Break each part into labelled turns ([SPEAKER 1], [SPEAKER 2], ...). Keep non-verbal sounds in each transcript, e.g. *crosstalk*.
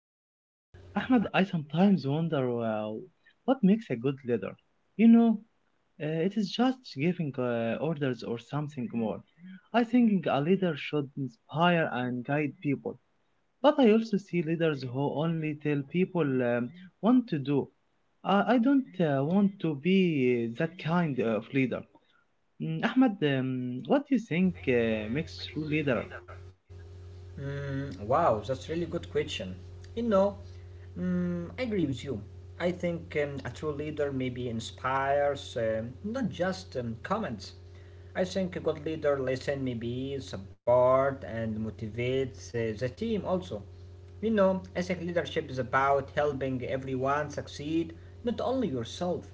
[SPEAKER 1] Mm, Ahmed, I sometimes wonder what makes a good leader. You know, it is just giving orders or something more. I think a leader should inspire and guide people. But I also see leaders who only tell people what to do. I don't want to be that kind of leader. Ahmed, what do you think makes true leader?
[SPEAKER 2] Wow, that's really good question. You know, I agree with you. I think a true leader maybe inspires, not just comments. I think a good leader listen, maybe support and motivates the team also. You know, I think leadership is about helping everyone succeed, not only yourself.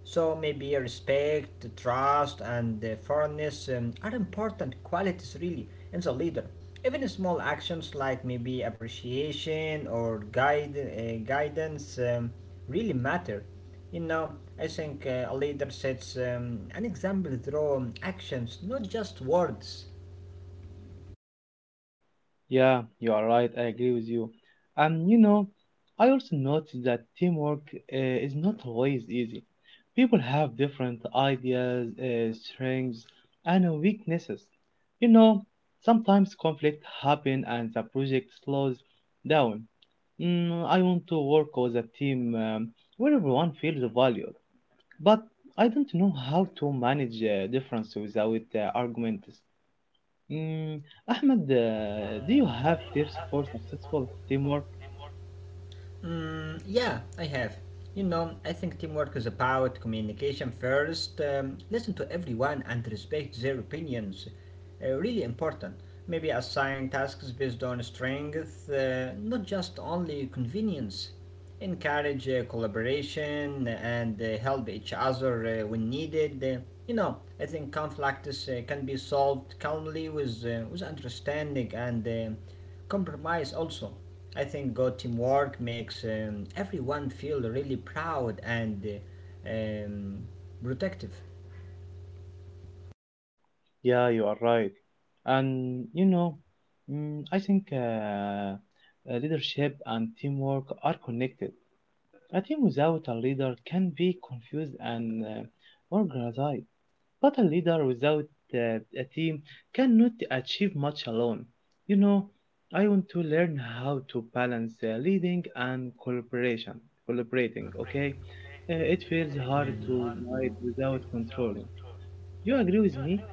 [SPEAKER 2] So maybe respect, trust, and fairness are important qualities really in the leader. Even small actions like maybe appreciation or guide guidance really matter. You know, I think a leader sets an example through actions, not just words.
[SPEAKER 1] Yeah, you are right. I agree with you. And you know, I also noticed that teamwork is not always easy. People have different ideas, strengths, and weaknesses. You know, sometimes conflict happen and the project slows down. I want to work with a team where everyone feels valued, but I don't know how to manage difference without arguments. Mm, Ahmed, do you have tips for successful teamwork?
[SPEAKER 2] Yeah, I have. You know, I think teamwork is about communication first. Listen to everyone and respect their opinions. Really important. Maybe assign tasks based on strength, not just only convenience encourage collaboration and help each other when needed. You know, I think conflicts can be solved calmly with understanding and compromise also. I think good teamwork makes everyone feel really proud and uh, um, protective.
[SPEAKER 1] Yeah, you are right. And you know, I think leadership and teamwork are connected. A team without a leader can be confused and organized. But a leader without a team cannot achieve much alone. You know, I want to learn how to balance leading and cooperation, collaborating, okay? It feels hard to guide without controlling. You agree with me?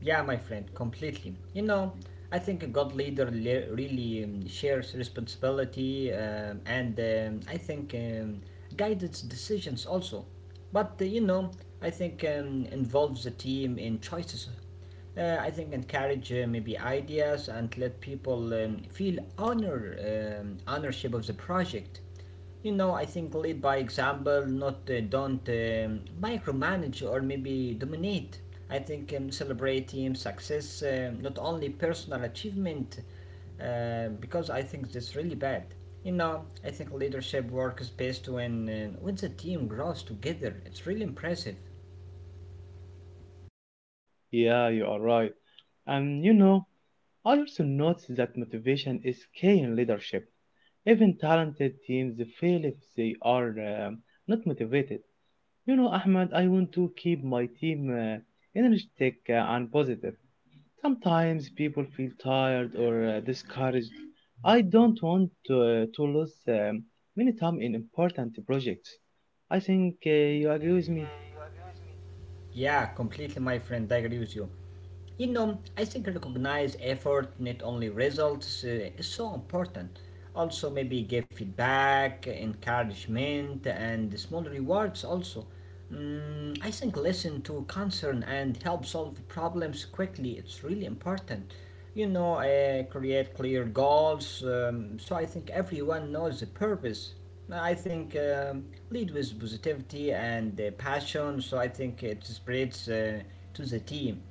[SPEAKER 2] Yeah, my friend, completely. You know, I think a good leader really shares responsibility and I think guidance decisions also. You know, I think involves the team in choices. I think encourage maybe ideas and let people feel honor ownership of the project. You know, I think lead by example, not don't micromanage or maybe dominate. I think celebrate team success, not only personal achievement, because I think that's really bad. You know, I think leadership works best when the team grows together. It's really impressive.
[SPEAKER 1] Yeah, you are right. And you know, I also notice that motivation is key in leadership. Even talented teams fail if they are not motivated. You know, Ahmed, I want to keep my team energetic and positive. Sometimes people feel tired or discouraged. I don't want to lose many time in important projects. I think you agree with me.
[SPEAKER 2] Yeah, completely, my friend. I agree with you. You know, I think recognize effort, not only results, is so important. Also, maybe give feedback, encouragement, and small rewards. Also, I think listen to concern and help solve problems quickly. It's really important. You know, create clear goals. So I think everyone knows the purpose. I think lead with positivity and passion. So I think it spreads to the team.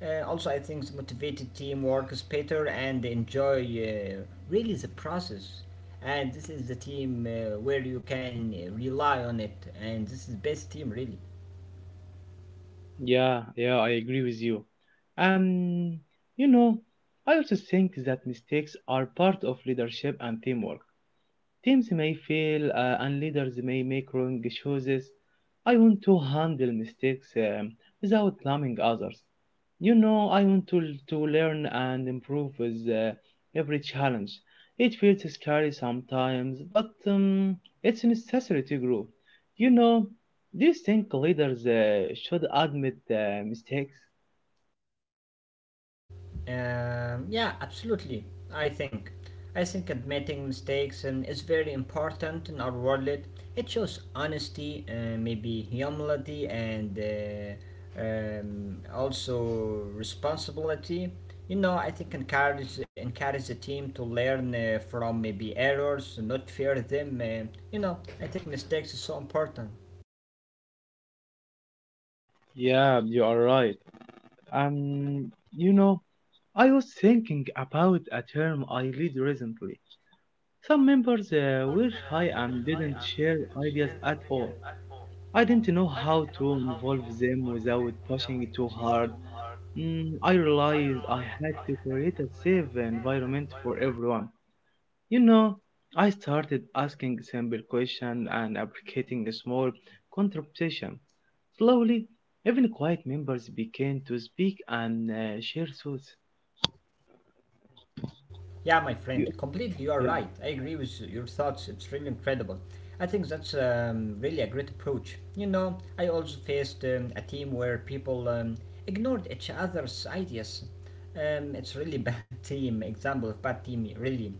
[SPEAKER 2] Also, I think the motivated team works better and enjoy really the process. And this is the team where you can rely on it, and this is the best team really.
[SPEAKER 1] Yeah, yeah, I agree with you. Um, you know, I also think that mistakes are part of leadership and teamwork. Teams may fail and leaders may make wrong choices. I want to handle mistakes without blaming others. You know, I want to learn and improve with every challenge. It feels scary sometimes, but it's necessary to grow. You know, do you think leaders should admit mistakes?
[SPEAKER 2] Yeah, absolutely. I think. I think admitting mistakes and is very important in our world. It shows honesty, maybe humility, and also responsibility. You know, I think encourage the team to learn from maybe errors, not fear them. You know, I think mistakes is so important.
[SPEAKER 1] Yeah, you are right. Um, you know, I was thinking about a term I read recently. Some members were shy and didn't share ideas at all. I didn't know how to involve them without pushing it too hard. I realized I had to create a safe environment for everyone. You know, I started asking simple questions and appreciating small contributions. Slowly, even quiet members began to speak and share thoughts.
[SPEAKER 2] Yeah, my friend, completely you are right. I agree with your thoughts. It's really incredible. I think that's really a great approach. You know, I also faced a team where people ignored each other's ideas. It's really bad *laughs* team example of bad team, really.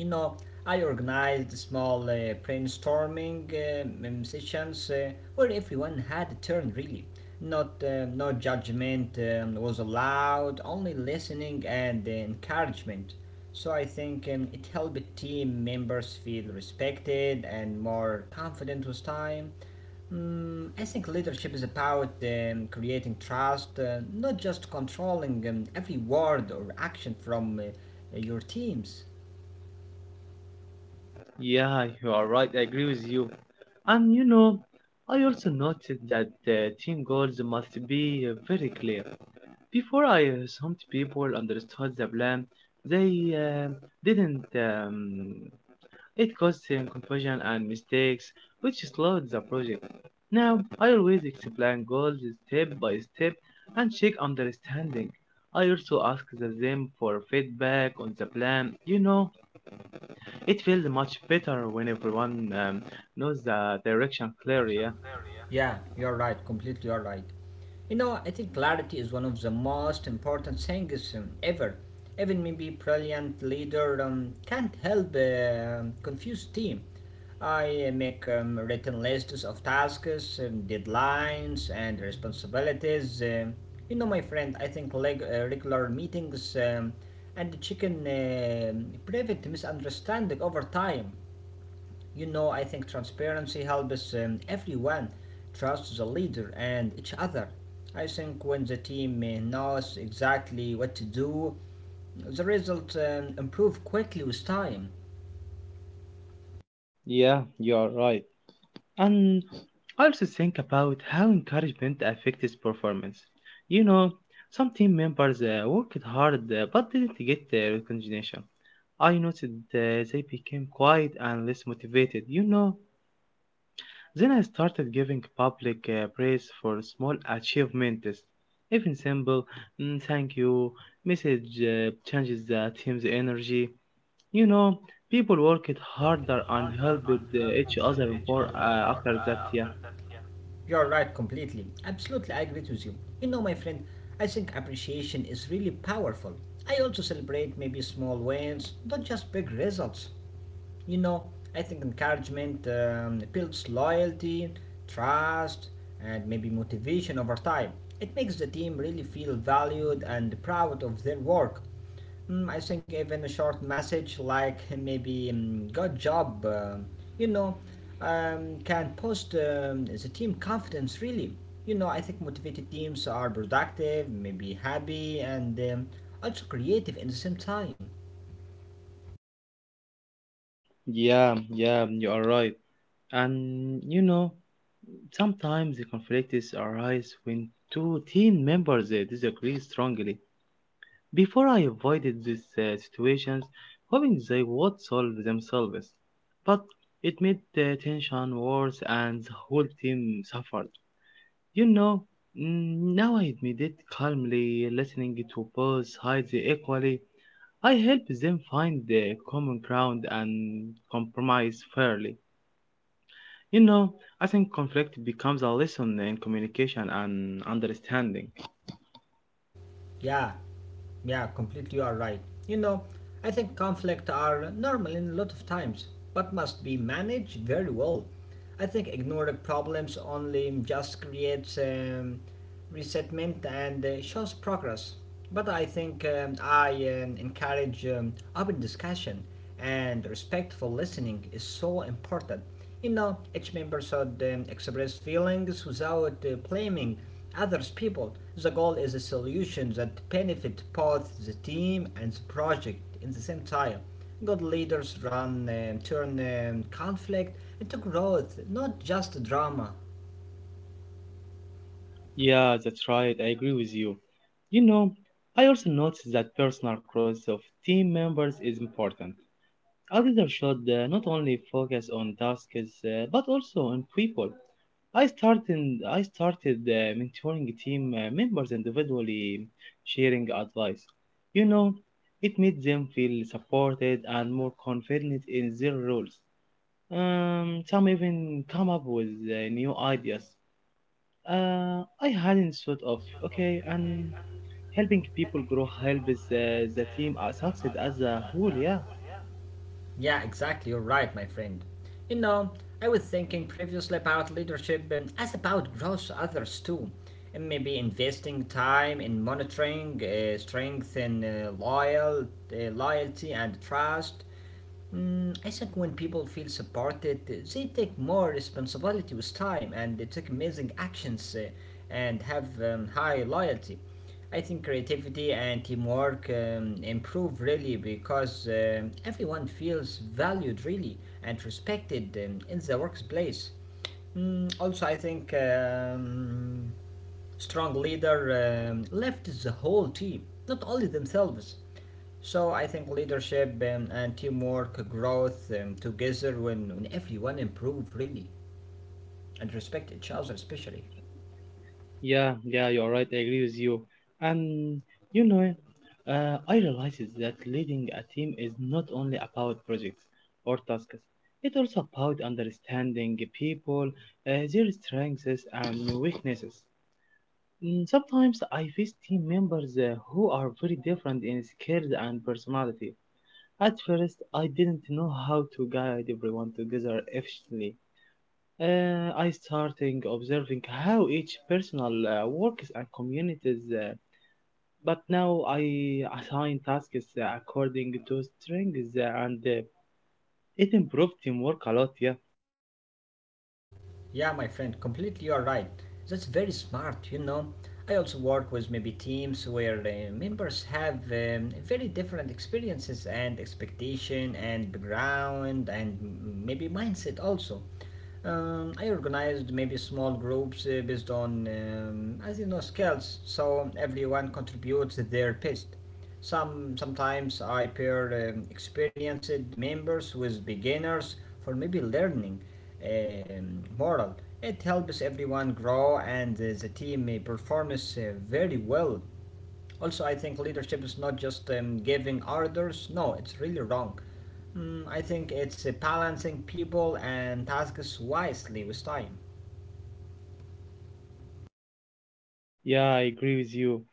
[SPEAKER 2] You know, I organized small brainstorming sessions where everyone had a turn really. Not No judgment was allowed, only listening and encouragement. So I think it helped team members feel respected and more confident with time. I think leadership is about creating trust, not just controlling every word or action from your teams.
[SPEAKER 1] Yeah, you are right. I agree with you. And you know, I also noted that the team goals must be very clear. Before I some people understood the plan, they didn't. It caused some confusion and mistakes, which slowed the project. Now, I always explain goals step by step and check understanding. I also ask the them for feedback on the plan. You know, it feels much better when everyone knows the direction clearly. Yeah.
[SPEAKER 2] Yeah, you're right. Completely, you're right. You know, I think clarity is one of the most important things ever. Even maybe brilliant leader can't help confuse team. I make written lists of tasks, deadlines, and responsibilities. You know, my friend, I think regular meetings and the chicken prevent misunderstanding over time. You know, I think transparency helps everyone trust the leader and each other. I think when the team knows exactly what to do, the results improve quickly with time.
[SPEAKER 1] Yeah, you are right. And I also think about how encouragement affects performance. You know, some team members worked hard but didn't get the recognition. I noticed they became quiet and less motivated, you know. Then I started giving public praise for small achievements. Even simple "Mm, thank you" message changes the team's energy. You know, people worked harder and helped each other more after that. Yeah.
[SPEAKER 2] You're right completely. Absolutely, I agree with you. You know, my friend, I think appreciation is really powerful. I also celebrate maybe small wins, not just big results. You know, I think encouragement builds loyalty, trust, and maybe motivation over time. It makes the team really feel valued and proud of their work. I think even a short message like *laughs* maybe good job, you know, can boost the team confidence really. You know, I think motivated teams are productive, maybe happy, and also creative in the same time.
[SPEAKER 1] Yeah, yeah, you are right. And you know, sometimes the conflicts arise when two team members disagree strongly. Before I avoided these situations, hoping they would solve themselves, but it made the tension worse and the whole team suffered. You know, now I admit it calmly, listening to both sides equally. I help them find the common ground and compromise fairly. You know, I think conflict becomes a lesson in communication and understanding.
[SPEAKER 2] Yeah, yeah, completely you are right. You know, I think conflict are normal in a lot of times, but must be managed very well. I think ignoring problems only just creates resentment and shows progress. But I encourage open discussion and respectful listening is so important. You know, each member should express feelings without blaming others people. The goal is a solution that benefits both the team and the project in the same time. Good leaders run turn conflict into growth, not just drama.
[SPEAKER 1] Yeah, that's right. I agree with you. You know, I also noticed that personal growth of team members is important. A leader should not only focus on tasks but also on people. I started mentoring team members individually, sharing advice. You know, it made them feel supported and more confident in their roles. Some even come up with new ideas. I hadn't thought of, okay, and helping people grow helps the team succeed as a whole. Yeah,
[SPEAKER 2] Yeah, exactly. You're right, my friend. You know, I was thinking previously about leadership as about growth others too. And maybe investing time in monitoring, strength in loyalty and trust. I think when people feel supported, they take more responsibility with time and they take amazing actions and have high loyalty. I think creativity and teamwork improve really because everyone feels valued really and respected in the workplace. Also, I think strong leader lifts the whole team, not only themselves. So I think leadership and teamwork growth together when everyone improve really and respect each other especially.
[SPEAKER 1] yeah, yeah. You're right. I agree with you. And you know, I realized that leading a team is not only about projects or tasks. It's also about understanding people, their strengths and weaknesses. Sometimes I face team members who are very different in skills and personality. At first, I didn't know how to guide everyone together efficiently. I started observing how each personal works and communities, but now I assign tasks according to strengths and it improved teamwork a lot. Yeah,
[SPEAKER 2] Yeah, my friend, completely you're right. That's very smart, you know. I also work with maybe teams where members have very different experiences and expectation and background and maybe mindset also. I organized maybe small groups based on, as you know, skills, so everyone contributes their best. Sometimes I pair experienced members with beginners for maybe learning moral. It helps everyone grow and the team performs very well. Also, I think leadership is not just giving orders. No, it's really wrong. I think it's balancing people and tasks wisely with time.
[SPEAKER 1] yeah, I agree with you.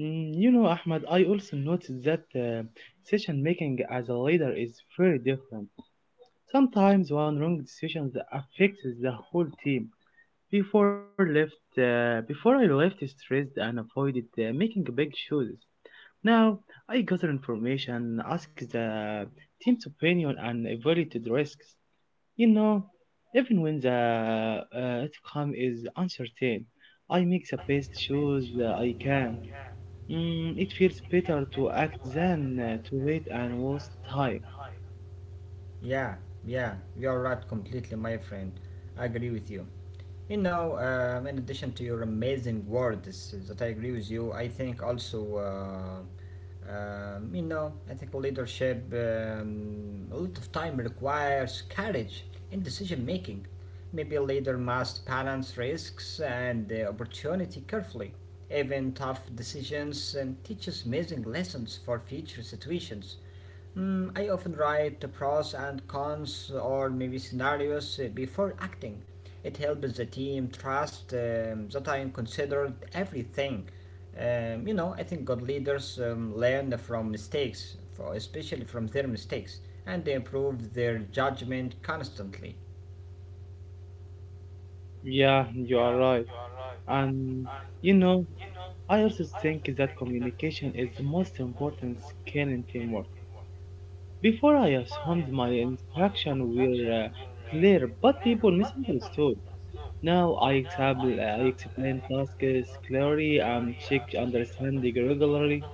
[SPEAKER 1] You know, Ahmad, I also noticed that decision making as a leader is very different. Sometimes one wrong decision affects the whole team. Before I left stressed and avoided making big choices. Now I gather information, ask the team's opinion, and evaluated risks. You know, even when the outcome is uncertain, I make the best choice that I can. It feels better to act than to wait and waste time.
[SPEAKER 2] Yeah, yeah, you're right completely, my friend. I agree with you. You know, in addition to your amazing words that I agree with you, I think also. You know, ethical leadership, a lot of time requires courage in decision making. Maybe a leader must balance risks and opportunity carefully. Even tough decisions teaches amazing lessons for future situations. I often write the pros and cons or maybe scenarios before acting. It helps the team trust that I considered everything. You know, I think good leaders learn from mistakes, for, especially from their mistakes, and they improve their judgment constantly.
[SPEAKER 1] Yeah, you are right. And you know, I also think that communication is the most important skill in teamwork. Before I assumed my instruction were clear, but people misunderstood. I explain tasks clearly and check understanding regularly.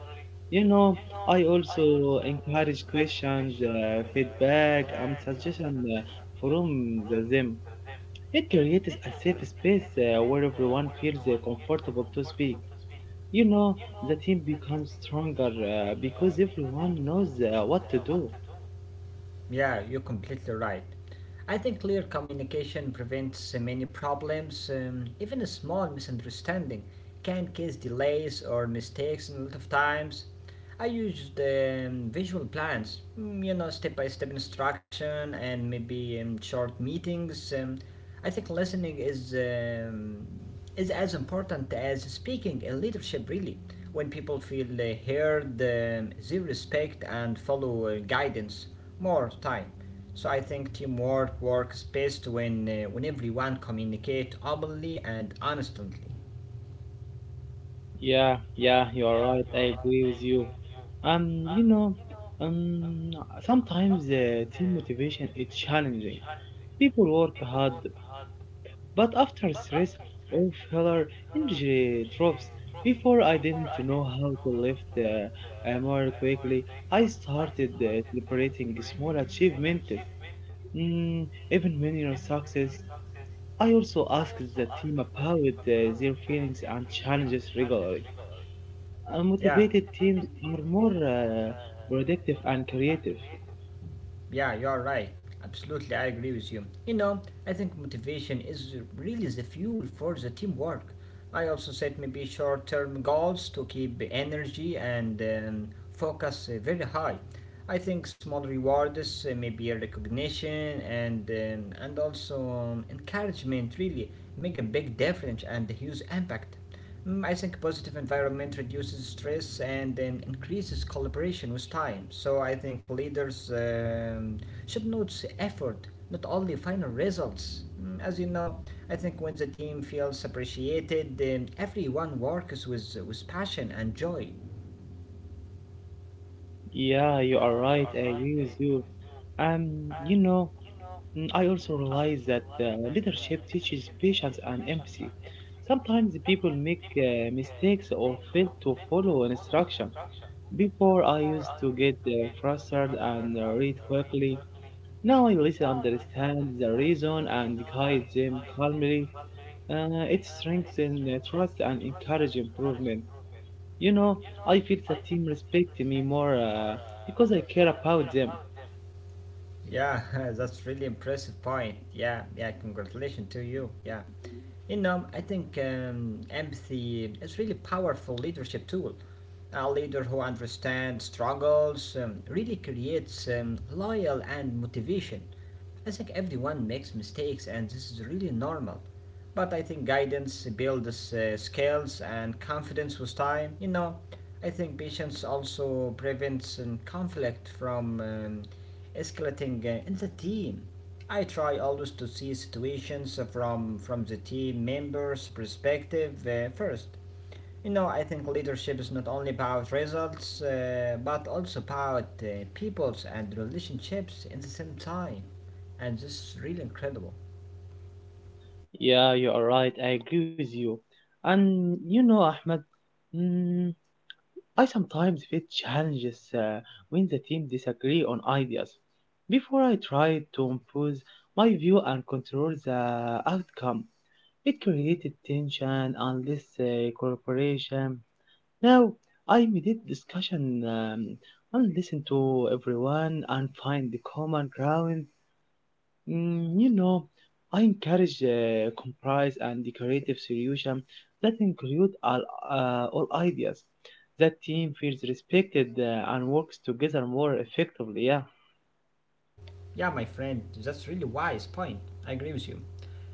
[SPEAKER 1] You know, I also encourage questions, feedback, and suggestions from the them. It creates a safe space where everyone feels comfortable to speak. You know, the team becomes stronger because everyone knows what to do.
[SPEAKER 2] Yeah, you're completely right. I think clear communication prevents many problems, even a small misunderstanding can cause delays or mistakes in a lot of times. I used visual plans, you know, step by step instruction and maybe short meetings. I think listening is as important as speaking in leadership, really. When people feel heard, they respect and follow guidance more time. So I think teamwork works best when everyone communicate openly and honestly.
[SPEAKER 1] Yeah, yeah, you are right. I agree with you. You know, um, sometimes team motivation is challenging. People work hard, but after stress or failure, energy drops. Before I didn't know how to lift more quickly, I started celebrating small achievements, even minor success. I also ask the team about their feelings and challenges regularly. Motivated
[SPEAKER 2] Yeah.
[SPEAKER 1] teams are more productive and creative.
[SPEAKER 2] Yeah, you're right. Absolutely, I agree with you. You know, I think motivation is really the fuel for the teamwork. I also set maybe short term goals to keep the energy and focus very high. I think small rewards, maybe a recognition and also encouragement, really make a big difference and a huge impact. I think positive environment reduces stress and increases collaboration with time. So I think leaders should notice effort, not only final results. As you know, I think when the team feels appreciated, everyone works with passion and joy.
[SPEAKER 1] Yeah, you are right. I agree with you. And you know, I also realize that leadership teaches patience and empathy. Sometimes people make mistakes or fail to follow an instruction. Before, I used to get frustrated and read quickly. Now I listen, understand the reason, and guide them calmly. It strengthens trust and encourage improvement. You know, I feel the team respect me more because I care about them.
[SPEAKER 2] Yeah, *laughs* that's really impressive point. Yeah, yeah, congratulations to you. Yeah. You know, I think empathy is really powerful leadership tool. A leader who understands struggles really creates loyal and motivation. I think everyone makes mistakes and this is really normal. But I think guidance builds skills and confidence with time. You know, I think patience also prevents conflict from escalating in the team. I try always to see situations from the team members' perspective first. You know, I think leadership is not only about results, but also about peoples and relationships in the same time. And this is really incredible.
[SPEAKER 1] Yeah, you are right. I agree with you. And you know, Ahmed, mm, I sometimes face challenges when the team disagree on ideas. Before I try to impose my view and control the outcome, it created tension, endless cooperation. Now I mediate discussion, and listen to everyone and find the common ground. You know, I encourage compromise and the creative solution that include all ideas. That team feels respected and works together more effectively. Yeah,
[SPEAKER 2] Yeah, my friend, that's really wise point. I agree with you.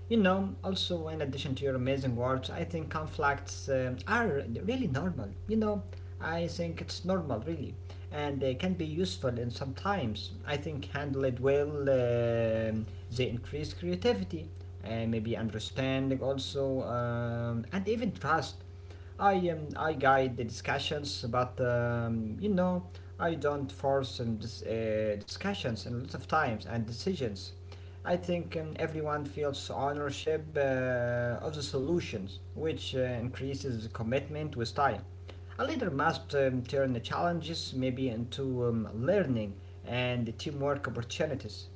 [SPEAKER 2] You know, also in addition to your amazing words, I think conflicts are really normal. I think it's normal really, and they can be useful. And sometimes I think handle it well, they increase creativity, and maybe understanding also, and even trust. I guide the discussions, but I don't force discussions and lots of times and decisions. I think everyone feels ownership of the solutions, which increases commitment with time. A leader must turn the challenges maybe into learning and teamwork opportunities.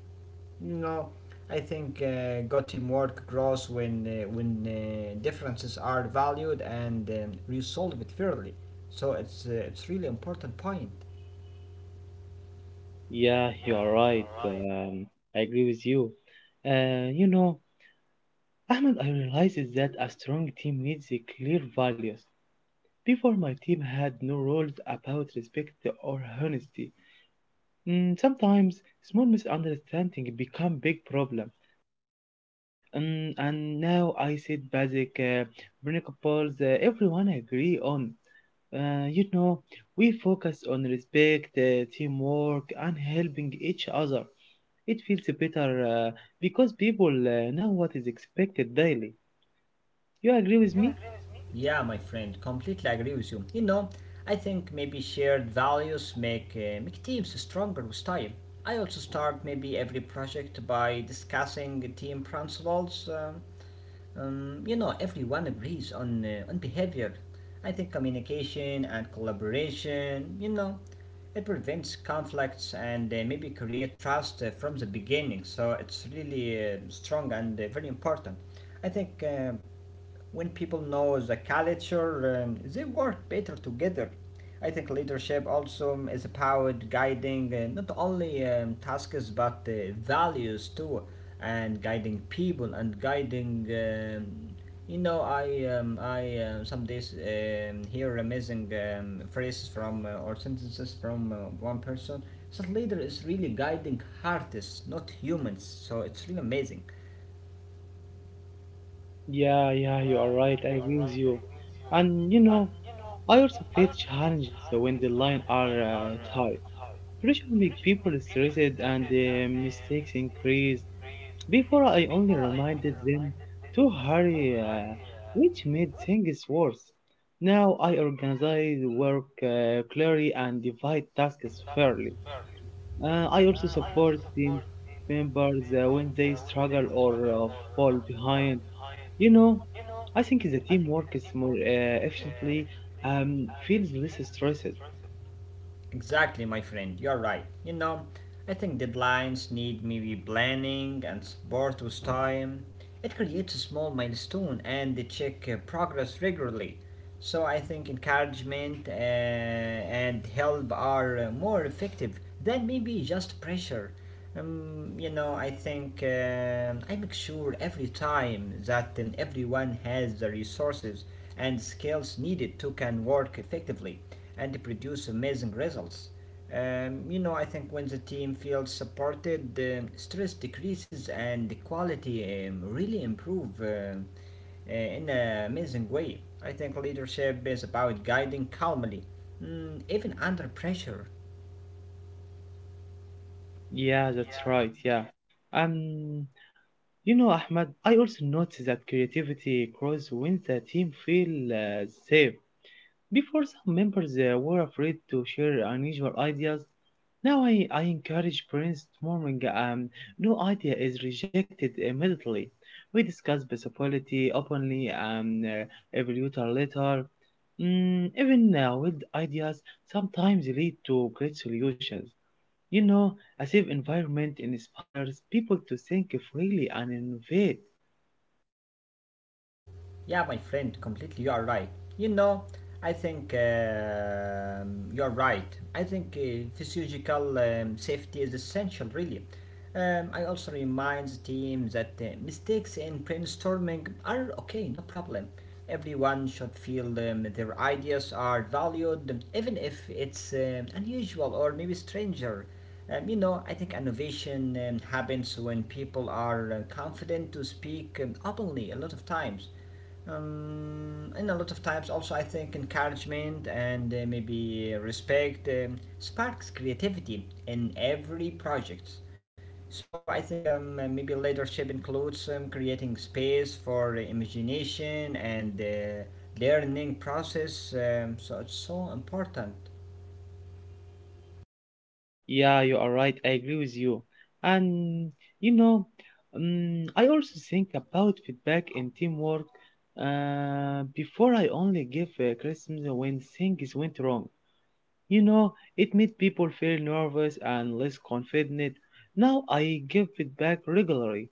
[SPEAKER 2] You know, I think good teamwork grows when differences are valued and resolved fairly. So it's really important point.
[SPEAKER 1] yeah, you are right. I agree with you. You know, Ahmed, I realized that a strong team needs a clear values. Before my team had no rules about respect or honesty. Sometimes small misunderstanding become big problem. And now I said basic principles everyone agree on. You know, we focus on respect, teamwork, and helping each other. It feels better because people know what is expected daily. You agree with me?
[SPEAKER 2] Yeah, my friend, completely agree with you. You know, I think maybe shared values make teams stronger with time. I also start maybe every project by discussing team principles. You know, everyone agrees on on behavior. I think communication and collaboration, you know, it prevents conflicts and maybe create trust from the beginning. So it's really strong and very important. I think when people know the culture, they work better together. I think leadership also is about guiding not only tasks but values too, and guiding people and guiding. You know, I some days hear amazing phrases from or sentences from one person. So leader is really guiding artists, not humans. So it's really amazing.
[SPEAKER 1] Yeah, yeah, you are right. I agree with you. And you know, I also face challenges when the line are tight. Pressure make people stressed and mistakes increase. Before I only reminded them to hurry, which made things worse. Now I organize work clearly and divide tasks fairly. I also support team members when they struggle or fall behind. You know, I think the team works more efficiently, feels less stressed.
[SPEAKER 2] Exactly, my friend, you're right. You know, I think deadlines need maybe planning and support with time. It creates a small milestone and they check progress regularly. So I think encouragement and help are more effective than maybe just pressure. You know, I think I make sure every time that everyone has the resources and skills needed to can work effectively and produce amazing results. You know, I think when the team feels supported, stress decreases and the quality really improve uh, in an amazing way. I think leadership is about guiding calmly, even under pressure.
[SPEAKER 1] Yeah, that's right. Yeah. Um, you know, Ahmad, I also noticed that creativity grows when the team feel safe. Before, some members were afraid to share unusual ideas. Now I encourage brainstorming. No idea is rejected immediately. We discuss possibility openly and evaluate our later. Even wild ideas sometimes lead to great solutions. You know, a safe environment inspires people to think freely and innovate.
[SPEAKER 2] Yeah, my friend, completely. You are right. You know, I think you are right. I think physiological safety is essential, really. I also remind the team that mistakes in brainstorming are okay, no problem. Everyone should feel their ideas are valued, even if it's unusual or maybe stranger. You know, I think innovation happens when people are confident to speak openly a lot of times in a lot of times also I think encouragement and maybe respect sparks creativity in every project. So I think maybe leadership includes creating space for imagination and learning process. So it's so important.
[SPEAKER 1] Yeah, you are right. I agree with you. And you know, I also think about feedback and teamwork. Before I only give criticism when things went wrong. You know, it made people feel nervous and less confident. Now I give feedback regularly,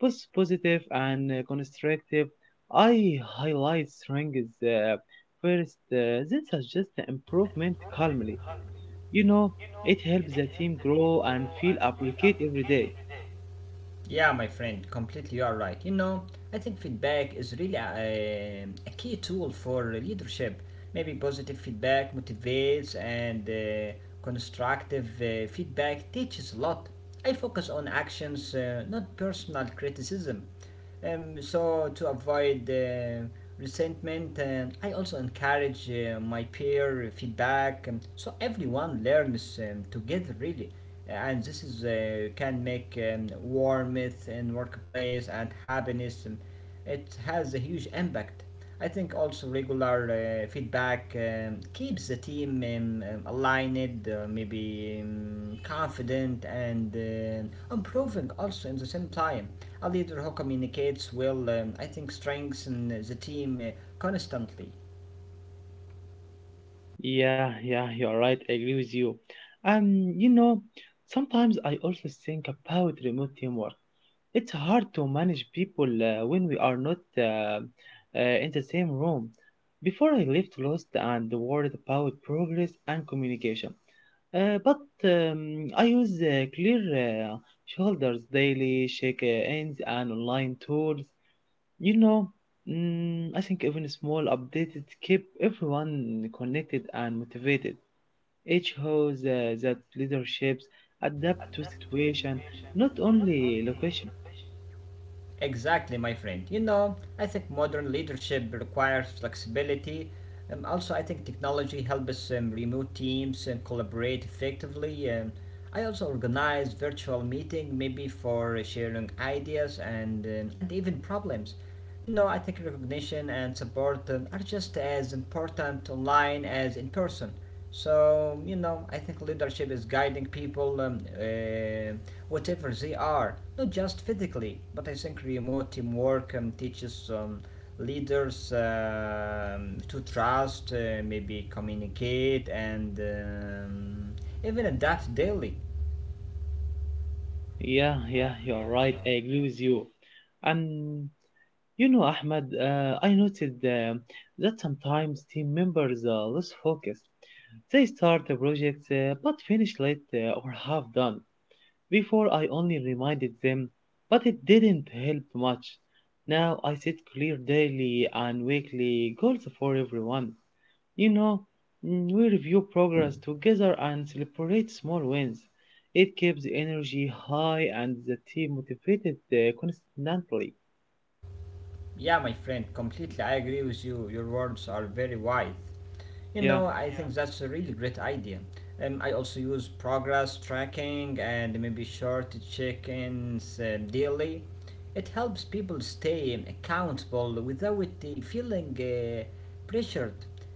[SPEAKER 1] both positive and constructive. I highlight strengths first, then suggest improvement calmly. You know, it helps the team grow and feel appreciated every day.
[SPEAKER 2] Yeah, my friend, completely you are right. You know, I think feedback is really a key tool for leadership. Maybe positive feedback motivates, and constructive feedback teaches a lot. I focus on actions, not personal criticism. So to avoid resentment, and I also encourage my peer feedback, so everyone learns together really. And this is can make warmth in workplace and happiness. It has a huge impact. I think also regular feedback keeps the team aligned, maybe confident, and improving also in the same time. A leader who communicates well, I think, strengthens the team constantly.
[SPEAKER 1] Yeah, yeah, you're right. I agree with you. You know, sometimes I also think about remote teamwork. It's hard to manage people when we are not in the same room. Before I lived lost and worried about progress and communication. But I use clear shoulders daily, shake hands, and online tools. You know, I think even small updates keep everyone connected and motivated. It shows that leaderships adapt to situation, not only location.
[SPEAKER 2] Exactly, my friend. You know, I think modern leadership requires flexibility. Also, I think technology helps us remote teams and collaborate effectively. I also organize virtual meeting, maybe for sharing ideas and even problems. You know, I think recognition and support are just as important online as in person. So, you know, I think leadership is guiding people, whatever they are, not just physically, but I think remote teamwork teaches leaders to trust, maybe communicate, and even adapt daily.
[SPEAKER 1] Yeah, yeah, you're right. I agree with you. And you know, Ahmed, I noted that sometimes team members are less focused. They start a project but finish late or half done. Before I only reminded them, but it didn't help much. Now I set clear daily and weekly goals for everyone. You know, we review progress together and celebrate small wins. It keeps the energy high and the team motivated constantly.
[SPEAKER 2] Yeah, my friend, completely. I agree with you. Your words are very wise. You
[SPEAKER 1] Yeah,
[SPEAKER 2] know, I think that's a really great idea. I also use progress tracking and maybe short check-ins daily. It helps people stay accountable without feeling pressured.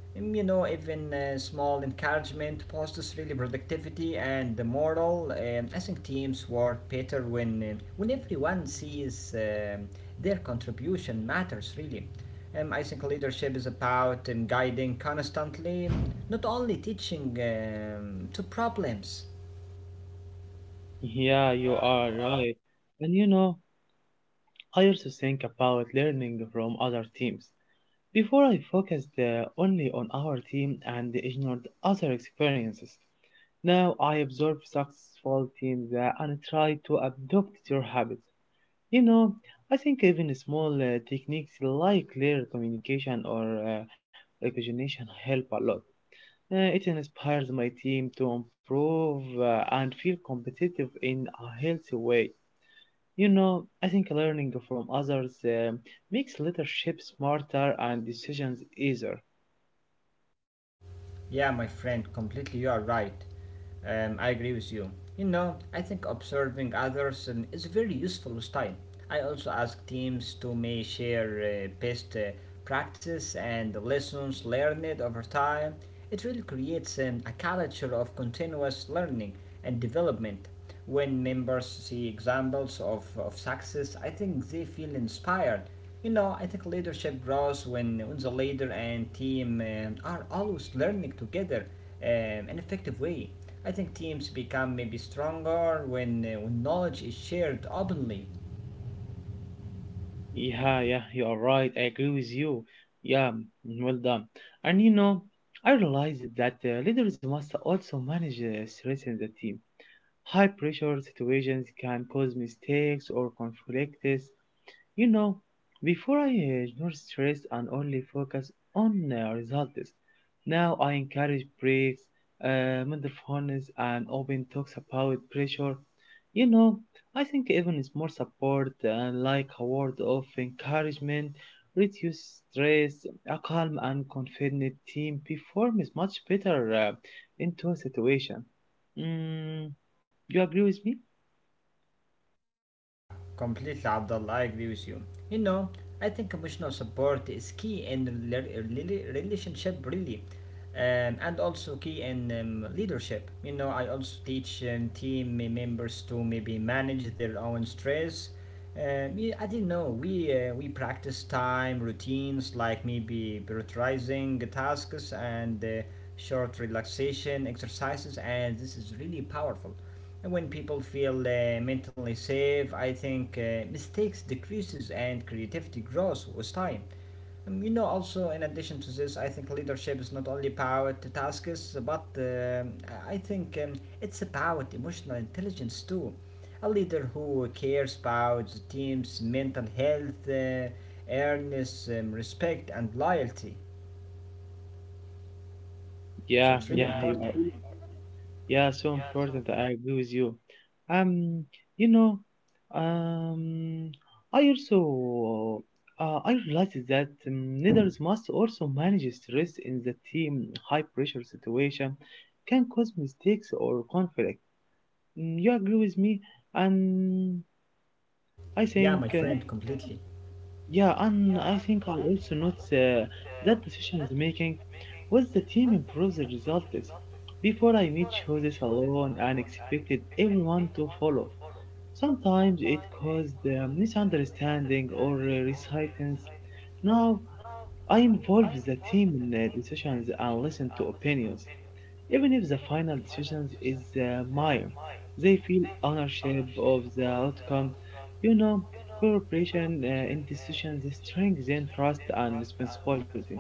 [SPEAKER 2] You know, even small encouragement boosts really productivity and the morale. I think teams work better when everyone sees um, their contribution matters really. I think leadership is about guiding constantly, not only teaching to problems.
[SPEAKER 1] yeah, you are right. And you know, I also think about learning from other teams. Before I focused only on our team and ignored other experiences. Now I observe successful teams and try to adopt their habits. You know, I think even small techniques like clear communication or recognition help a lot. It inspires my team to improve and feel competitive in a healthy way. You know, I think learning from others makes leadership smarter and decisions easier.
[SPEAKER 2] Yeah, my friend, completely you are right. I agree with you. You know, I think observing others is a very useful style. I also ask teams to may share best practices and lessons learned over time. It really creates a culture of continuous learning and development. When members see examples of success, I think they feel inspired. You know, I think leadership grows when the leader and team are always learning together in an effective way. I think teams become maybe stronger when knowledge is shared openly.
[SPEAKER 1] Yeah, yeah, you are right. I agree with you. Yeah, mm, well done. And you know, I realized that leaders must also manage stress in the team. High pressure situations can cause mistakes or conflicts. You know, before I ignore stress and only focus on results. Now I encourage breaks, mindfulness, and open talks about pressure. You know, I think even small support and like a word of encouragement reduce stress. A calm and confident team performs much better into a situation. Mm, you agree with me?
[SPEAKER 2] Yeah, completely, Abdullah. I agree with you. You know, I think emotional support is key in relationship, really, and also key in leadership. You know, I also teach team members to maybe manage their own stress. Yeah, I didn't know we practice time routines like maybe prioritizing tasks and short relaxation exercises, and this is really powerful. And when people feel mentally safe, I think mistakes decreases and creativity grows with time. You know, also in addition to this, I think leadership is not only about the tasks, but I think it's about emotional intelligence too. A leader who cares about the team's mental health, earnest respect, and loyalty. So
[SPEAKER 1] Yeah,
[SPEAKER 2] it's really,
[SPEAKER 1] yeah, you are. Yeah, so important. I agree with you. Um, you know, um, I also I realized that leaders must also manage stress in the team. High pressure situation can cause mistakes or conflict. Mm, you agree with me? And I
[SPEAKER 2] yeah, my
[SPEAKER 1] think.
[SPEAKER 2] friend.
[SPEAKER 1] Yeah, and I think I'll also note that decisions making was the team improves the results. Before I made choices alone and expected everyone to follow. Sometimes it caused misunderstanding or resistance. Now I involve the team in decisions and listen to opinions. Even if the final decision is minor, they feel ownership of the outcome. You know, cooperation in decisions strengthens trust and responsibility.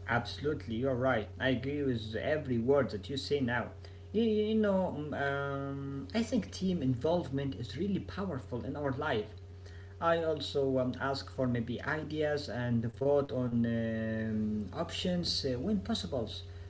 [SPEAKER 2] Absolutely, you're right. I agree with every word that you say now. You know, I think team involvement is really powerful in our life. I also ask for maybe ideas and vote on options when possible.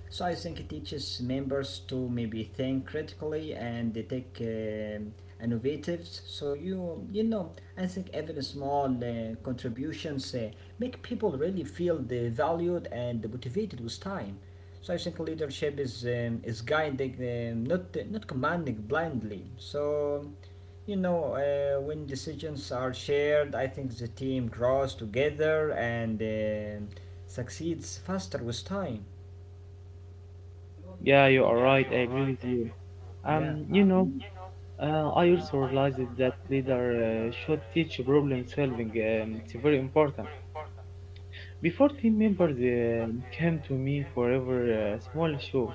[SPEAKER 2] So I think it teaches members to maybe think critically and they take innovatives. So you know, I think even small contributions make people really feel they valued and motivated with time. So I think leadership is guiding, um, not commanding blindly. So you know when decisions are shared, I think the team grows together and succeeds faster with time.
[SPEAKER 1] Yeah, you are right. I agree with you.
[SPEAKER 2] Yeah.
[SPEAKER 1] You know, I also realized that leader should teach problem solving. It's very important. Before team members came to me forever small shows,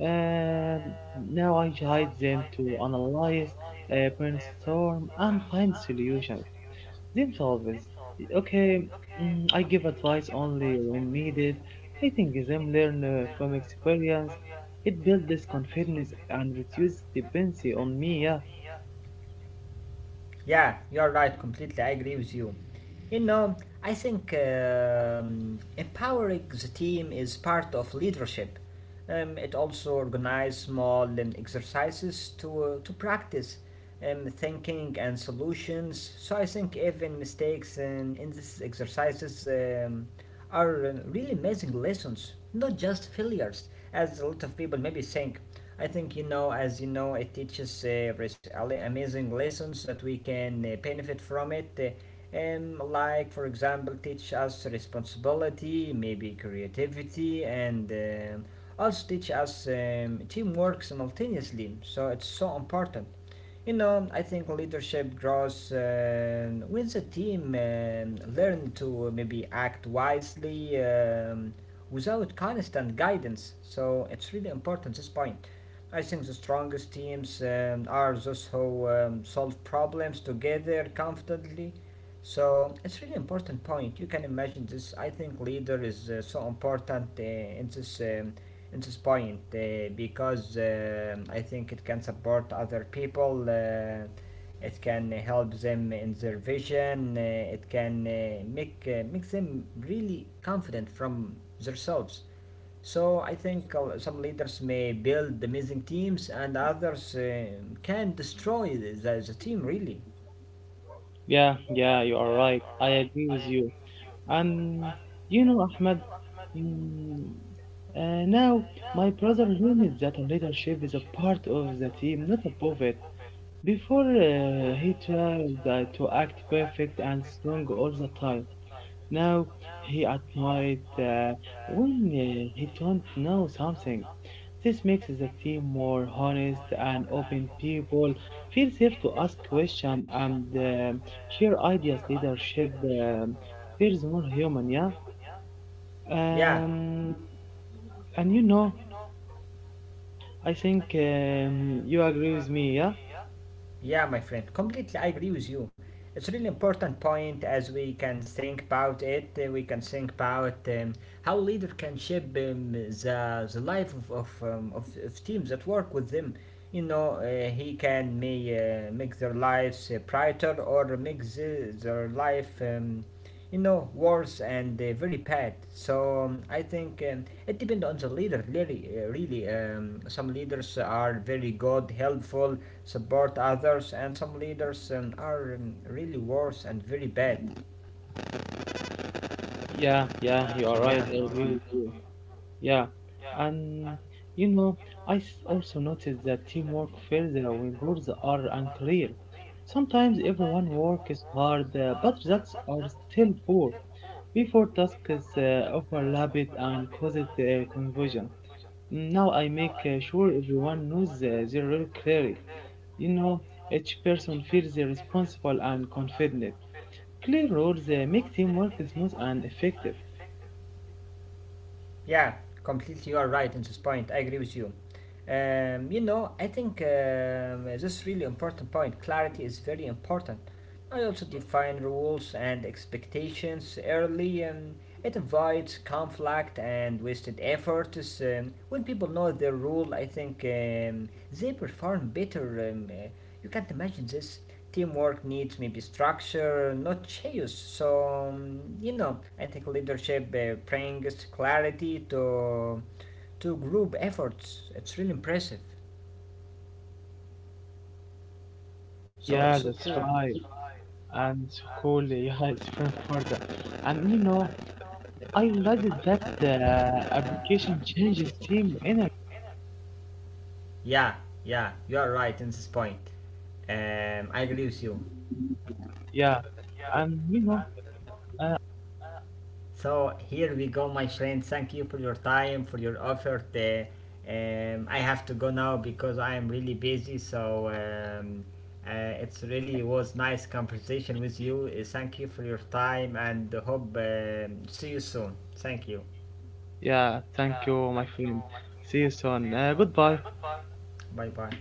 [SPEAKER 1] um, now I guide them to analyze, brainstorm, and find solutions themselves. Okay, mm, I give advice only when needed. Letting them learn from experience, it builds this confidence and reduces dependency on me. Yeah,
[SPEAKER 2] Yeah, you're right. Completely, I agree with you. You know, I think empowering the team is part of leadership. It also organizes small exercises to practice thinking and solutions. So I think even mistakes in these exercises are really amazing lessons, not just failures, as a lot of people maybe think. I think you know, as you know, it teaches amazing lessons that we can benefit from it. Like, for example, teach us responsibility, maybe creativity, and also teach us teamwork simultaneously. So it's so important. You know, I think leadership draws when the team learn to maybe act wisely without constant guidance. So it's really important this point. I think the strongest teams are those who solve problems together confidently. So it's really important point. You can imagine this. I think leader is so important in this it's inspiring because I think it can support other people, it can help them in their vision, it can make them really confident from themselves. So I think some leaders may build amazing teams and others can destroy the team really.
[SPEAKER 1] yeah, yeah. You are right. I agree with you. And you know, Ahmed, mm, now my brother learned that leadership is a part of the team, not above it. Before he tried to act perfect and strong all the time. Now he admired when he don't know something. This makes the team more honest and open. People feel safe to ask questions and share ideas. Leadership feels more human, yeah.
[SPEAKER 2] Yeah,
[SPEAKER 1] Um, and you know, I think you agree with me, yeah.
[SPEAKER 2] yeah, my friend, completely I agree with you. It's a really important point as we can think about it. We can think about how leader can shape um, the life of teams that work with them. You know, he can may make their lives brighter or make their life you know, worse and very bad. So I think it depends on the leader, really. Really. Some leaders are very good, helpful, support others, and some leaders are really worse and very bad.
[SPEAKER 1] Yeah, yeah, you are right. I agree with you. Yeah, and you know, also noticed that teamwork fails when rules are unclear. Sometimes everyone works hard, but results are still poor. Before tasks overlap it and cause it confusion. Now I make sure everyone knows their role clearly. You know, each person feels responsible and confident. Clear rules make teamwork smooth and effective.
[SPEAKER 2] Yeah, completely you are right in this point. I agree with you. You know, I think this is really important point. Clarity is very important. I also define rules and expectations early. It avoids conflict and wasted efforts. When people know their rule, I think they perform better. You can't imagine this. Teamwork needs maybe structure, not chaos. So, you know, I think leadership brings clarity to group efforts. It's really impressive. So
[SPEAKER 1] Yeah,
[SPEAKER 2] it's
[SPEAKER 1] that's
[SPEAKER 2] so.
[SPEAKER 1] right. And cool. *laughs* Yeah, it's from Florida. And you know, I realized that the application changes team in it.
[SPEAKER 2] Yeah, yeah, you are right in this point. I agree with you.
[SPEAKER 1] Yeah, and you know,
[SPEAKER 2] So here we go, my friend. Thank you for your time, for your effort. I have to go now because I am really busy. So it's really was nice conversation with you. Thank you for your time and hope see you soon. Thank you.
[SPEAKER 1] yeah. Thank you, my friend. See you soon. Goodbye.
[SPEAKER 2] Bye bye.